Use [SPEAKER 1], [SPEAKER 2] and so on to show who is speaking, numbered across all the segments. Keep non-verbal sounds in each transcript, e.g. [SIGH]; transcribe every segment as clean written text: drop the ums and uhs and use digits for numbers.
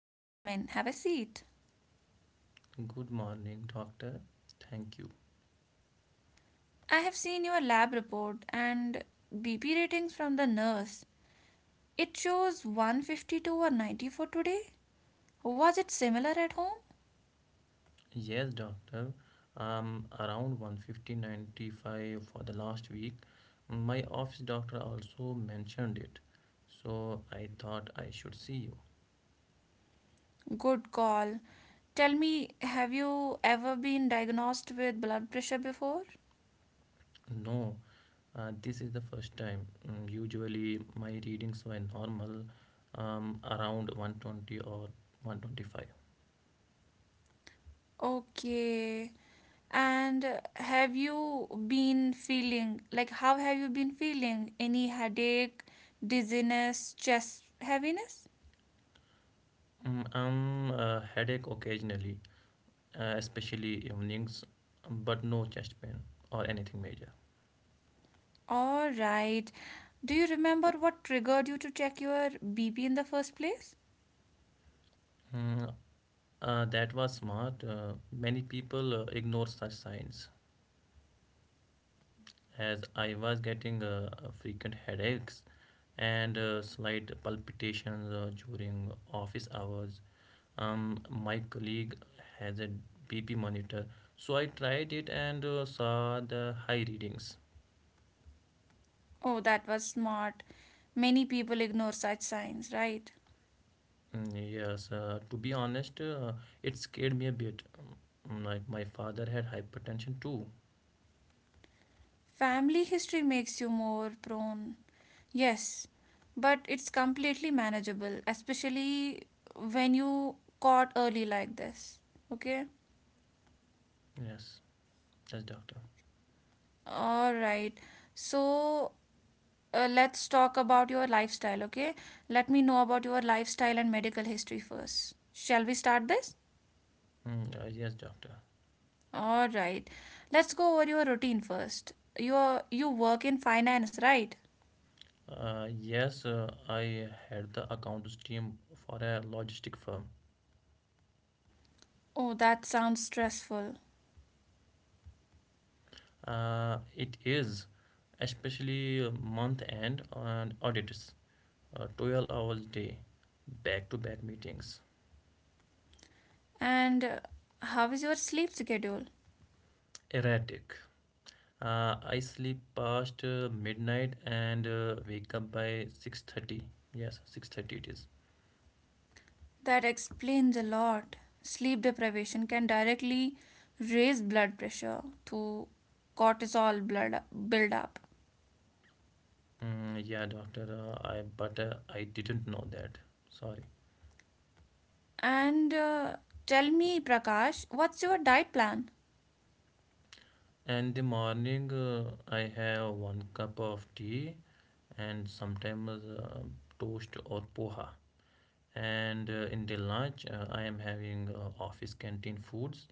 [SPEAKER 1] Please come in, have a seat.
[SPEAKER 2] Good morning, doctor. Thank you.
[SPEAKER 1] I have seen your lab report and BP ratings from the nurse. It shows 152 or 90 for today. Was it similar at home?
[SPEAKER 2] Yes, doctor. I'm around 150/95 for the last week. My office doctor also mentioned it. So I thought I should see you.
[SPEAKER 1] Good call. Tell me, have you ever been diagnosed with blood pressure before?
[SPEAKER 2] No, this is the first time. Usually my readings were normal, around 120 or 125.
[SPEAKER 1] Okay. And have you been feeling like how have you been feeling? Any headache, dizziness, chest heaviness?
[SPEAKER 2] Headache occasionally, especially evenings, but no chest pain or anything major.
[SPEAKER 1] All right. Do you remember what triggered you to check your BP in the first place?
[SPEAKER 2] Mm, that was smart. Many people ignore such signs, as I was getting frequent headaches and slight palpitations during office hours. My colleague has a BP monitor, so I tried it and saw the high readings.
[SPEAKER 1] Oh, that was smart. Many people ignore such signs, right?
[SPEAKER 2] Mm, yes, to be honest, it scared me a bit. Like my father had hypertension too.
[SPEAKER 1] Family history makes you more prone. Yes, but it's completely manageable, especially when you caught early like this. Okay?
[SPEAKER 2] Yes, yes, doctor.
[SPEAKER 1] All right. So, let's talk about your lifestyle, okay? Let me know about your lifestyle and medical history first. Shall we start this?
[SPEAKER 2] Mm, yes, doctor.
[SPEAKER 1] All right. Let's go over your routine first. You work in finance, right?
[SPEAKER 2] Yes, I had the accounts team for a logistic firm.
[SPEAKER 1] Oh, that sounds stressful.
[SPEAKER 2] It is especially month end and audits, 12 hours day, back to back meetings,
[SPEAKER 1] And how is your sleep schedule?
[SPEAKER 2] erratic. I sleep past midnight and wake up by 6:30. Yes, 6:30 it is.
[SPEAKER 1] That explains a lot. Sleep deprivation can directly raise blood pressure through cortisol blood build up.
[SPEAKER 2] Mm, yeah, doctor, I but I didn't know that. Sorry.
[SPEAKER 1] And tell me, Prakash, what's your diet plan?
[SPEAKER 2] And the morning, I have one cup of tea and sometimes toast or poha. And in the lunch, I am having office canteen foods.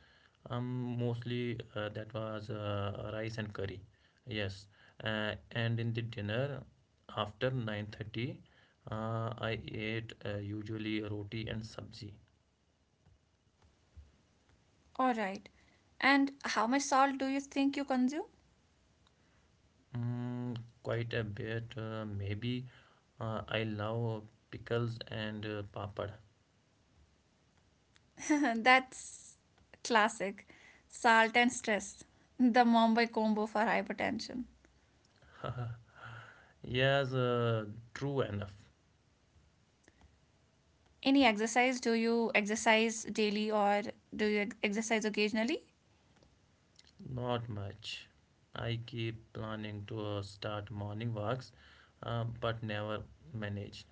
[SPEAKER 2] Mostly that was rice and curry. Yes, and in the dinner after 9:30, I ate usually roti and sabzi.
[SPEAKER 1] All right. And how much salt do you think you consume?
[SPEAKER 2] Mm, Quite a bit, maybe. I love pickles and papad.
[SPEAKER 1] [LAUGHS] That's classic. Salt and stress. The Mumbai combo for hypertension.
[SPEAKER 2] Yes, true enough.
[SPEAKER 1] Any exercise? Do you exercise daily or do you exercise occasionally?
[SPEAKER 2] Not much. I keep planning to start morning walks, but never manage.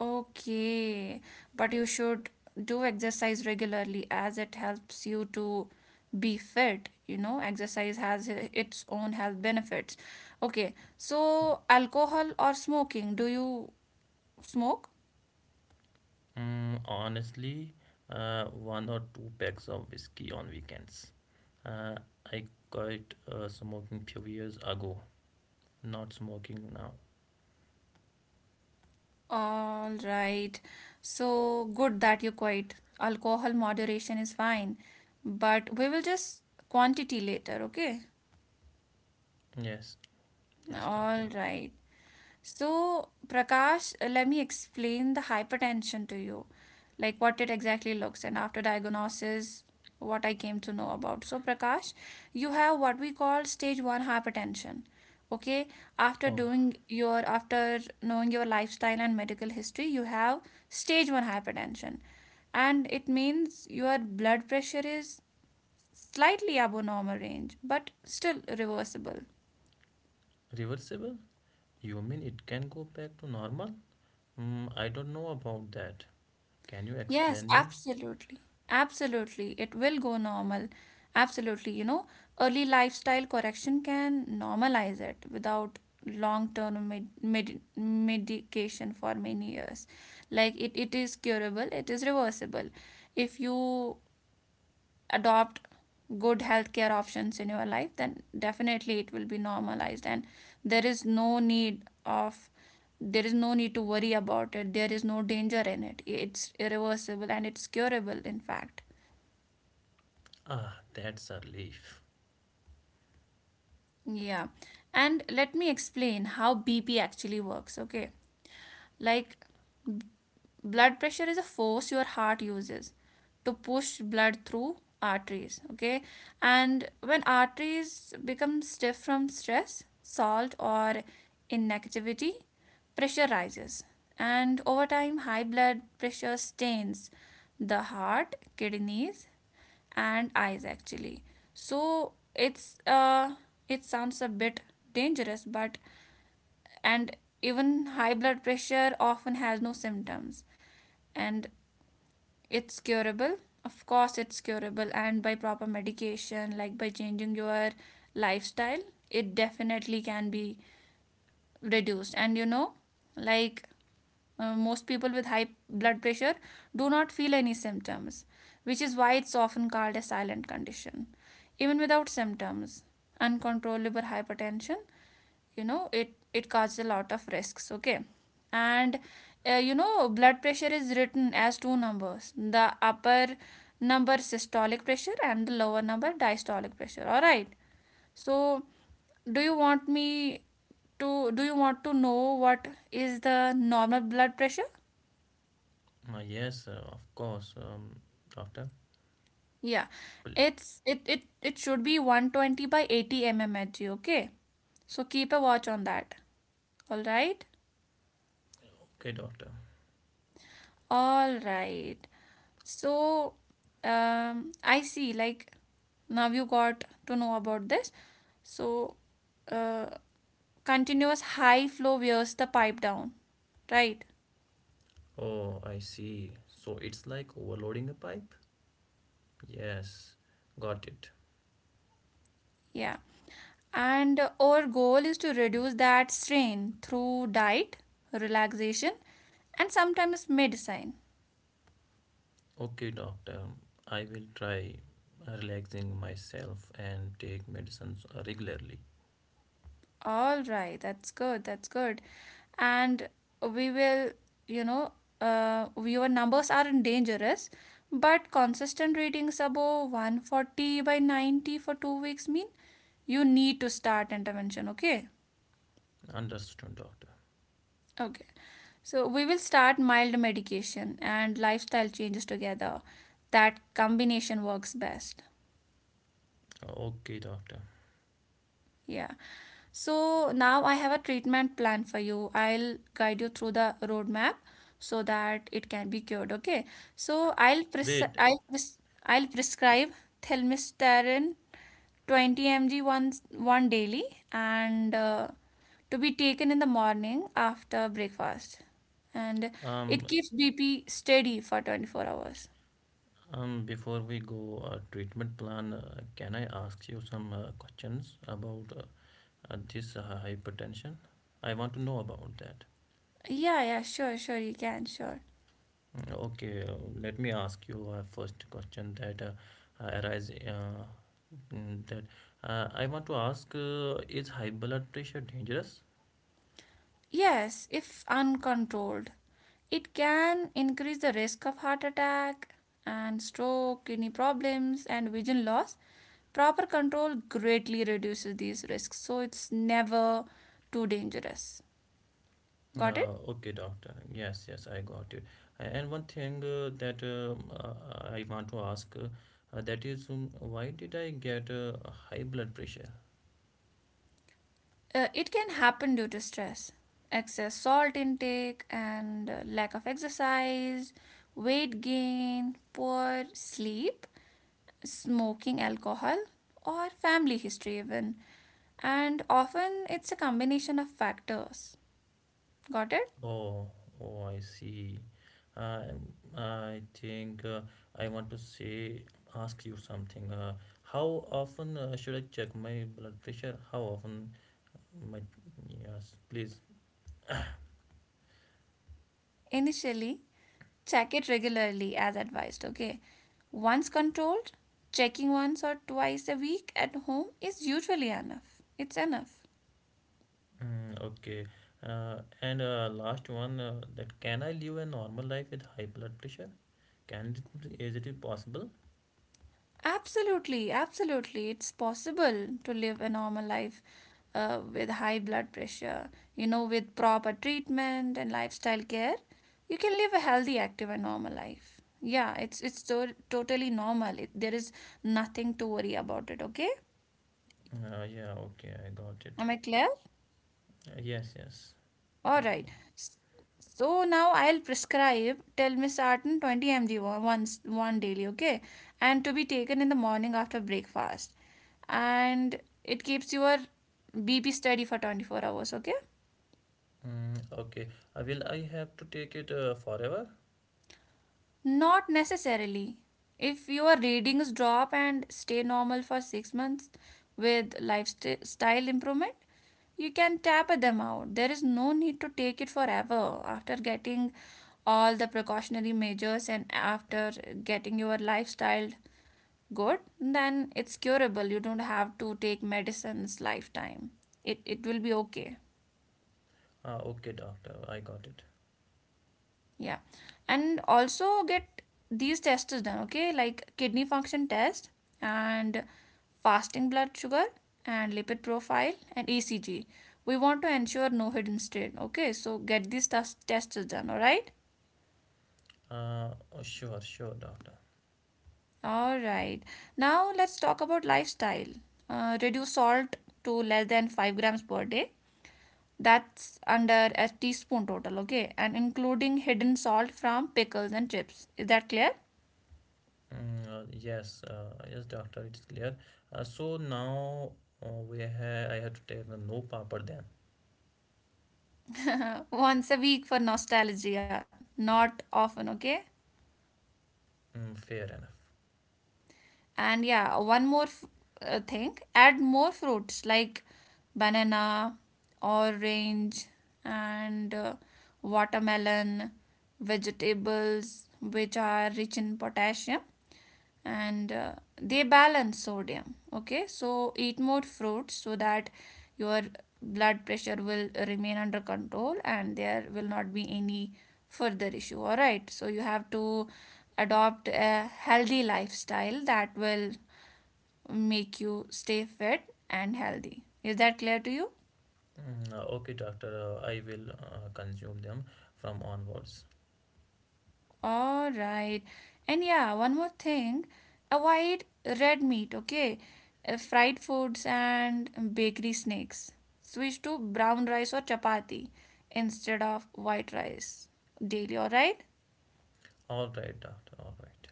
[SPEAKER 1] Okay, but you should do exercise regularly as it helps you to be fit. You know, exercise has its own health benefits. Okay, so alcohol or smoking? Do you smoke?
[SPEAKER 2] Honestly, one or two packs of whiskey on weekends. Uh, I quit smoking few years ago. Not smoking now.
[SPEAKER 1] All right. So good that you quit. Alcohol moderation is fine, but we will just quantity later, okay?
[SPEAKER 2] Yes, yes, doctor.
[SPEAKER 1] All right. So, Prakash, let me explain the hypertension to you, like what it exactly looks and after diagnosis, what I came to know about. So, Prakash, you have what we call stage 1 hypertension. Okay,
[SPEAKER 2] Oh,
[SPEAKER 1] after knowing your lifestyle and medical history, you have stage 1 hypertension. And it means your blood pressure is slightly above normal range, but still reversible.
[SPEAKER 2] reversible? You mean it can go back to normal? I don't know about that. Can you
[SPEAKER 1] Yes,
[SPEAKER 2] explain me?
[SPEAKER 1] absolutely. Absolutely. It will go normal. Absolutely. You know, early lifestyle correction can normalize it without long-term medication for many years. Like, it is curable, it is reversible. If you adopt good healthcare options in your life, then definitely it will be normalized, and there is no need of there is no need to worry about it. There is no danger in it. It's irreversible and it's curable, in fact.
[SPEAKER 2] Ah, that's a relief.
[SPEAKER 1] Yeah. And let me explain how BP actually works, okay? Like, blood pressure is a force your heart uses to push blood through arteries, okay? And when arteries become stiff from stress, salt, or inactivity, pressure rises. And over time, high blood pressure stains the heart, kidneys, and eyes, actually. So, it sounds a bit dangerous, but and even high blood pressure often has no symptoms. And it's curable. Of course it's curable, and by proper medication, like by changing your lifestyle, it definitely can be reduced. And you know, like, most people with high blood pressure do not feel any symptoms, which is why it's often called a silent condition. Even without symptoms, uncontrollable hypertension, you know, it causes a lot of risks, okay? And you know, blood pressure is written as two numbers: the upper number systolic pressure and the lower number diastolic pressure, all right? So do you want me do you want to know what is the normal blood pressure?
[SPEAKER 2] Yes, of course, doctor.
[SPEAKER 1] Yeah,
[SPEAKER 2] Well,
[SPEAKER 1] it should be 120 by 80 mmHg, okay? So keep a watch on that, all right.
[SPEAKER 2] okay, doctor.
[SPEAKER 1] All right. So, I see, like, now you got to know about this. So, uh, continuous high flow wears the pipe down, right?
[SPEAKER 2] Oh, I see. So it's like overloading a pipe? Yes, got it.
[SPEAKER 1] Yeah. And our goal is to reduce that strain through diet, relaxation, and sometimes medicine.
[SPEAKER 2] Okay, doctor. I will try relaxing myself and take medicines regularly.
[SPEAKER 1] All right, that's good. That's good. And we will, you know, your numbers aren't dangerous, but consistent readings above 140 by 90 for 2 weeks mean you need to start intervention. Okay.
[SPEAKER 2] Understood, doctor.
[SPEAKER 1] Okay. So we will start mild medication and lifestyle changes together. That combination works best.
[SPEAKER 2] Okay, doctor.
[SPEAKER 1] Yeah. So now I have a treatment plan for you. I'll guide you through the roadmap so that it can be cured. Okay. So
[SPEAKER 2] Wait,
[SPEAKER 1] I'll prescribe thelmisterin 20 mg once one daily, and to be taken in the morning after breakfast. And
[SPEAKER 2] um,
[SPEAKER 1] it keeps BP steady for 24 hours.
[SPEAKER 2] before we go treatment plan, can I ask you some questions about this hypertension? I want to know about that.
[SPEAKER 1] Yeah, yeah, sure, sure, you can, sure.
[SPEAKER 2] Okay, let me ask you a first question that arise that I want to ask is high blood pressure dangerous?
[SPEAKER 1] Yes, if uncontrolled, it can increase the risk of heart attack and stroke, kidney problems, and vision loss. Proper control greatly reduces these risks, so it's never too dangerous. Got it?
[SPEAKER 2] Okay, doctor. Yes, yes, I got it. And one thing that I want to ask that is why did I get high blood pressure?
[SPEAKER 1] It can happen due to stress, excess salt intake, and lack of exercise, weight gain, poor sleep, smoking, alcohol, or family history, even. And often it's a combination of factors. Got it?
[SPEAKER 2] Oh, oh, I see. I think I want to ask you something. How often should I check my blood pressure? How often my, yes, please.
[SPEAKER 1] Initially, check it regularly as advised, okay? Once controlled, checking once or twice a week at home is usually enough. It's enough.
[SPEAKER 2] Okay. And last one, that can I live a normal life with high blood pressure? Can it, is it possible?
[SPEAKER 1] Absolutely, absolutely. It's possible to live a normal life with high blood pressure. You know, with proper treatment and lifestyle care, you can live a healthy, active, and normal life. Yeah, it's totally normal. There is nothing to worry about it, okay?
[SPEAKER 2] Yeah, okay, I got it.
[SPEAKER 1] Am I clear?
[SPEAKER 2] Yes, yes,
[SPEAKER 1] All
[SPEAKER 2] doctor.
[SPEAKER 1] right. S- So now I'll prescribe tell Miss Artin 20 mg once one daily, okay? And to be taken in the morning after breakfast. And it keeps your BP steady for 24 hours, okay?
[SPEAKER 2] Okay. Will I have to take it forever?
[SPEAKER 1] Not necessarily. If your readings drop and stay normal for 6 months with lifestyle improvement, you can taper them out. There is no need to take it forever after getting all the precautionary measures and after getting your lifestyle good, then it's curable. You don't have to take medicines lifetime. It will be okay.
[SPEAKER 2] Okay, doctor, I got it.
[SPEAKER 1] Yeah. And also get these tests done, okay? Like kidney function test and fasting blood sugar and lipid profile and ECG. We want to ensure no hidden strain, okay? So get these tests done, all right?
[SPEAKER 2] Oh, sure, sure, doctor.
[SPEAKER 1] All right. Now let's talk about lifestyle. Reduce salt to less than 5 grams per day. That's under a teaspoon total, okay? And including hidden salt from pickles and chips. Is that clear?
[SPEAKER 2] Mm, yes, yes, doctor, it's clear. So now I have to take the no papad then.
[SPEAKER 1] [LAUGHS] Once a week for nostalgia, not often, okay?
[SPEAKER 2] Fair enough.
[SPEAKER 1] And yeah, one more thing, add more fruits like banana, orange, and watermelon, vegetables which are rich in potassium, and they balance sodium, okay? So eat more fruits so that your blood pressure will remain under control and there will not be any further issue, all right? So you have to adopt a healthy lifestyle that will make you stay fit and healthy. Is that clear to you?
[SPEAKER 2] Okay, doctor, I will consume them from onwards.
[SPEAKER 1] All right. And yeah, one more thing, avoid red meat, okay? Fried foods and bakery snacks. Switch to brown rice or chapati instead of white rice daily, all right?
[SPEAKER 2] All right, doctor, all right.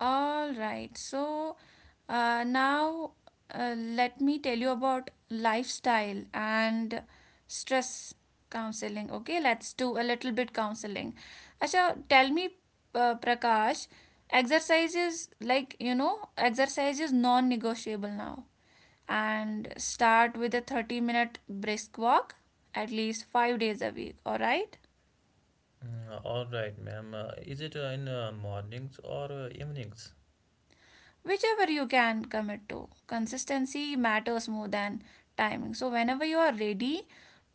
[SPEAKER 1] All right. So now let me tell you about lifestyle and stress counseling. Okay, let's do a little bit counseling. Asha, tell me, Prakash, exercise is like you know, exercise is non-negotiable now. And start with a 30-minute brisk walk at least 5 days a week. All right.
[SPEAKER 2] All right, ma'am. Is it in mornings or evenings?
[SPEAKER 1] Whichever you can commit to. Consistency matters more than timing. So, whenever you are ready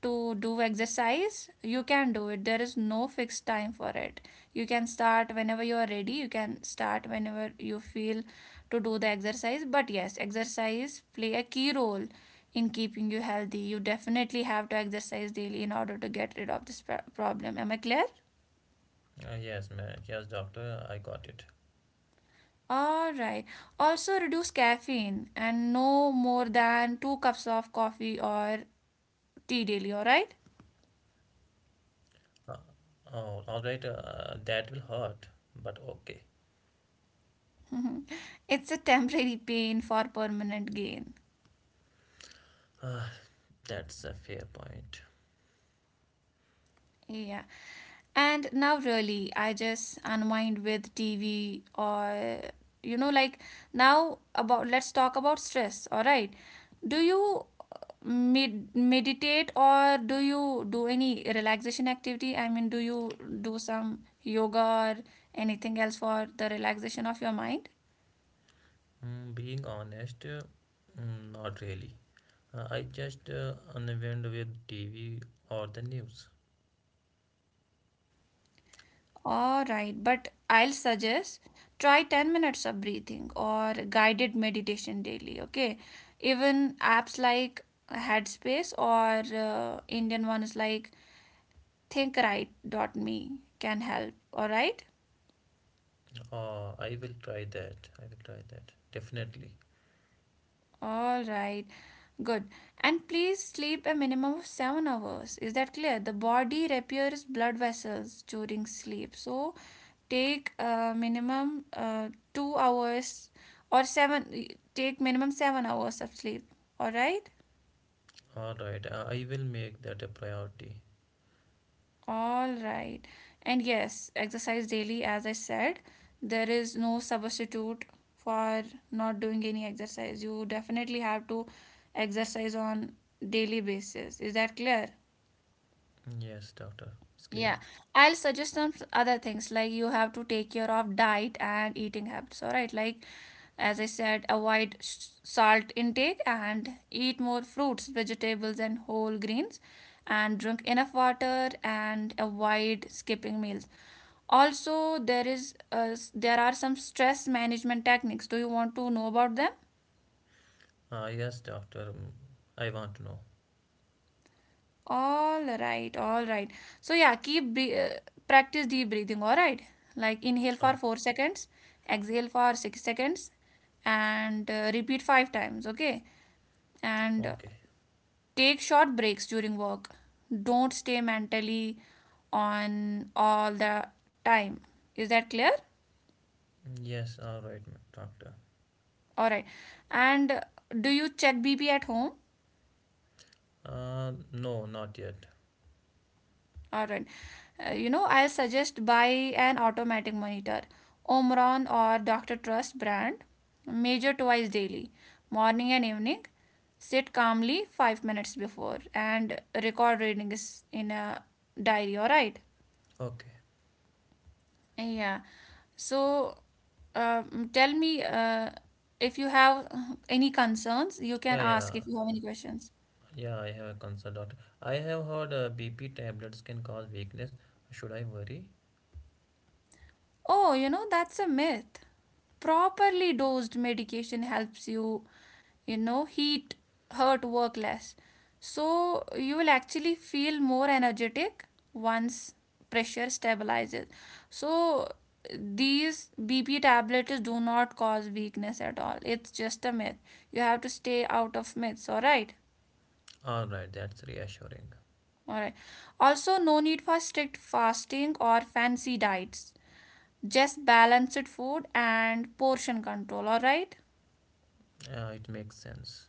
[SPEAKER 1] to do exercise, you can do it. There is no fixed time for it. You can start whenever you are ready, you can start whenever you feel to do the exercise. But yes, exercise play a key role in keeping you healthy. You definitely have to exercise daily in order to get rid of this problem. Am I clear?
[SPEAKER 2] Yes, ma'am. Yes, doctor, I got it.
[SPEAKER 1] All right. Also reduce caffeine and no more than two cups of coffee or tea daily, all right?
[SPEAKER 2] Uh, Oh, all right, that will hurt, but okay.
[SPEAKER 1] [LAUGHS] It's a temporary pain for permanent gain.
[SPEAKER 2] Ah, that's a fair point.
[SPEAKER 1] Yeah. And now, really, I just unwind with TV or, you know, like, now about let's talk about stress. All right. Do you uh, meditate or do you do any relaxation activity? I mean, do you do some yoga or anything else for the relaxation of your mind?
[SPEAKER 2] Being honest, not really. I just unwind with TV or the news.
[SPEAKER 1] All right, but I'll suggest try 10 minutes of breathing or guided meditation daily, okay? Even apps like Headspace or Indian ones like Think Right dot me can help, all right?
[SPEAKER 2] Oh, I will try that. I will try that. Definitely.
[SPEAKER 1] All right. Good. And please sleep a minimum of 7 hours. Is that clear? The body repairs blood vessels during sleep. So, take minimum 2 hours or 7, take minimum 7 hours of sleep, all right,
[SPEAKER 2] All right, I will make that a priority.
[SPEAKER 1] all right. And yes, exercise daily, as I said. There is no substitute for not doing any exercise. You definitely have to exercise on daily basis. Is that clear?
[SPEAKER 2] Yes, doctor. It's clear.
[SPEAKER 1] Yeah, I'll suggest some other things, like you have to take care of diet and eating habits, all right? Like, as I said, avoid salt intake, and eat more fruits, vegetables, and whole grains, and drink enough water and avoid skipping meals. Also, there are some stress management techniques. Do you want to know about them?
[SPEAKER 2] Ah, yes, doctor. I want to know.
[SPEAKER 1] All right, all right. So yeah, practice deep breathing. All right, like inhale for
[SPEAKER 2] Okay.
[SPEAKER 1] 4 seconds, exhale for 6 seconds, and repeat five times. Okay, and
[SPEAKER 2] Okay.
[SPEAKER 1] take short breaks during work. Don't stay mentally on all the time. Is that clear?
[SPEAKER 2] Yes, all right, ma'am, doctor.
[SPEAKER 1] All right. And do you check BP at home?
[SPEAKER 2] No, not yet.
[SPEAKER 1] Alright. You know, I'll suggest buy an automatic monitor, Omron or Dr. Trust brand, measure twice daily, morning and evening. Sit calmly 5 minutes before and record reading is in a diary, alright?
[SPEAKER 2] Okay.
[SPEAKER 1] Yeah. So, tell me if you have any concerns, you can
[SPEAKER 2] Yeah,
[SPEAKER 1] ask
[SPEAKER 2] yeah,
[SPEAKER 1] if you have any questions.
[SPEAKER 2] yeah. I have a concern, doctor. I have heard BP tablets can cause weakness. Should I worry?
[SPEAKER 1] Oh, you know, that's a myth. Properly dosed medication helps you, you know, heat, hurt, work less. So you will actually feel more energetic once pressure stabilizes. So these BP tablets do not cause weakness at all. It's just a myth. You have to stay out of myths, all right?
[SPEAKER 2] All right, that's reassuring.
[SPEAKER 1] All right. Also, no need for strict fasting or fancy diets, just balanced food and portion control, all right.
[SPEAKER 2] It makes sense.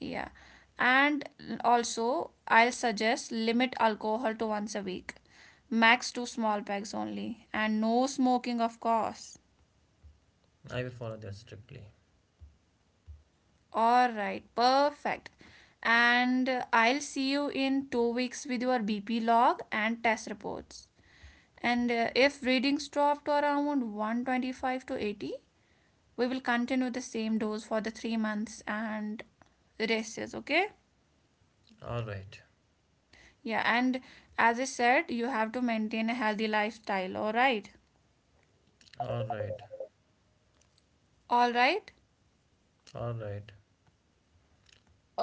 [SPEAKER 1] Yeah, and also I'll suggest limit alcohol to once a week, max two small packs only, and no smoking, of course.
[SPEAKER 2] I will follow that strictly.
[SPEAKER 1] All right, perfect. And I'll see you in 2 weeks with your BP log and test reports. And if readings drop to around 125 to 80, we will continue the same dose for the 3 months and rest is okay.
[SPEAKER 2] All right,
[SPEAKER 1] Yeah, and as I said, you have to maintain a healthy lifestyle, all right?
[SPEAKER 2] all right,
[SPEAKER 1] All right?
[SPEAKER 2] all right.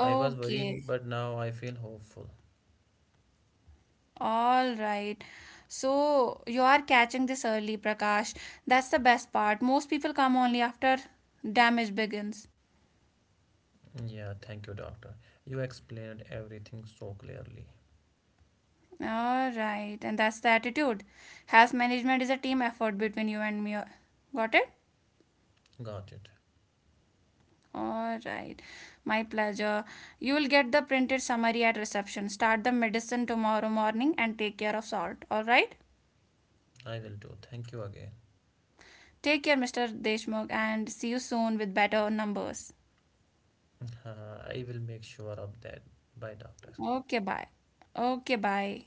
[SPEAKER 2] I was worried, but now I feel hopeful.
[SPEAKER 1] All right. So you are catching this early, Prakash. That's the best part. Most people come only after damage begins.
[SPEAKER 2] Yeah, thank you, doctor. You explained everything so clearly.
[SPEAKER 1] All right. And that's the attitude. Health management is a team effort between you and me. Got it?
[SPEAKER 2] Got it.
[SPEAKER 1] All right. My pleasure. You will get the printed summary at reception. Start the medicine tomorrow morning and take care of salt. All right?
[SPEAKER 2] I will do. Thank you again.
[SPEAKER 1] Take care, Mr. Deshmukh, and see you soon with better numbers.
[SPEAKER 2] [LAUGHS] I will make sure of that. Bye, doctor.
[SPEAKER 1] Okay, bye. Okay, bye.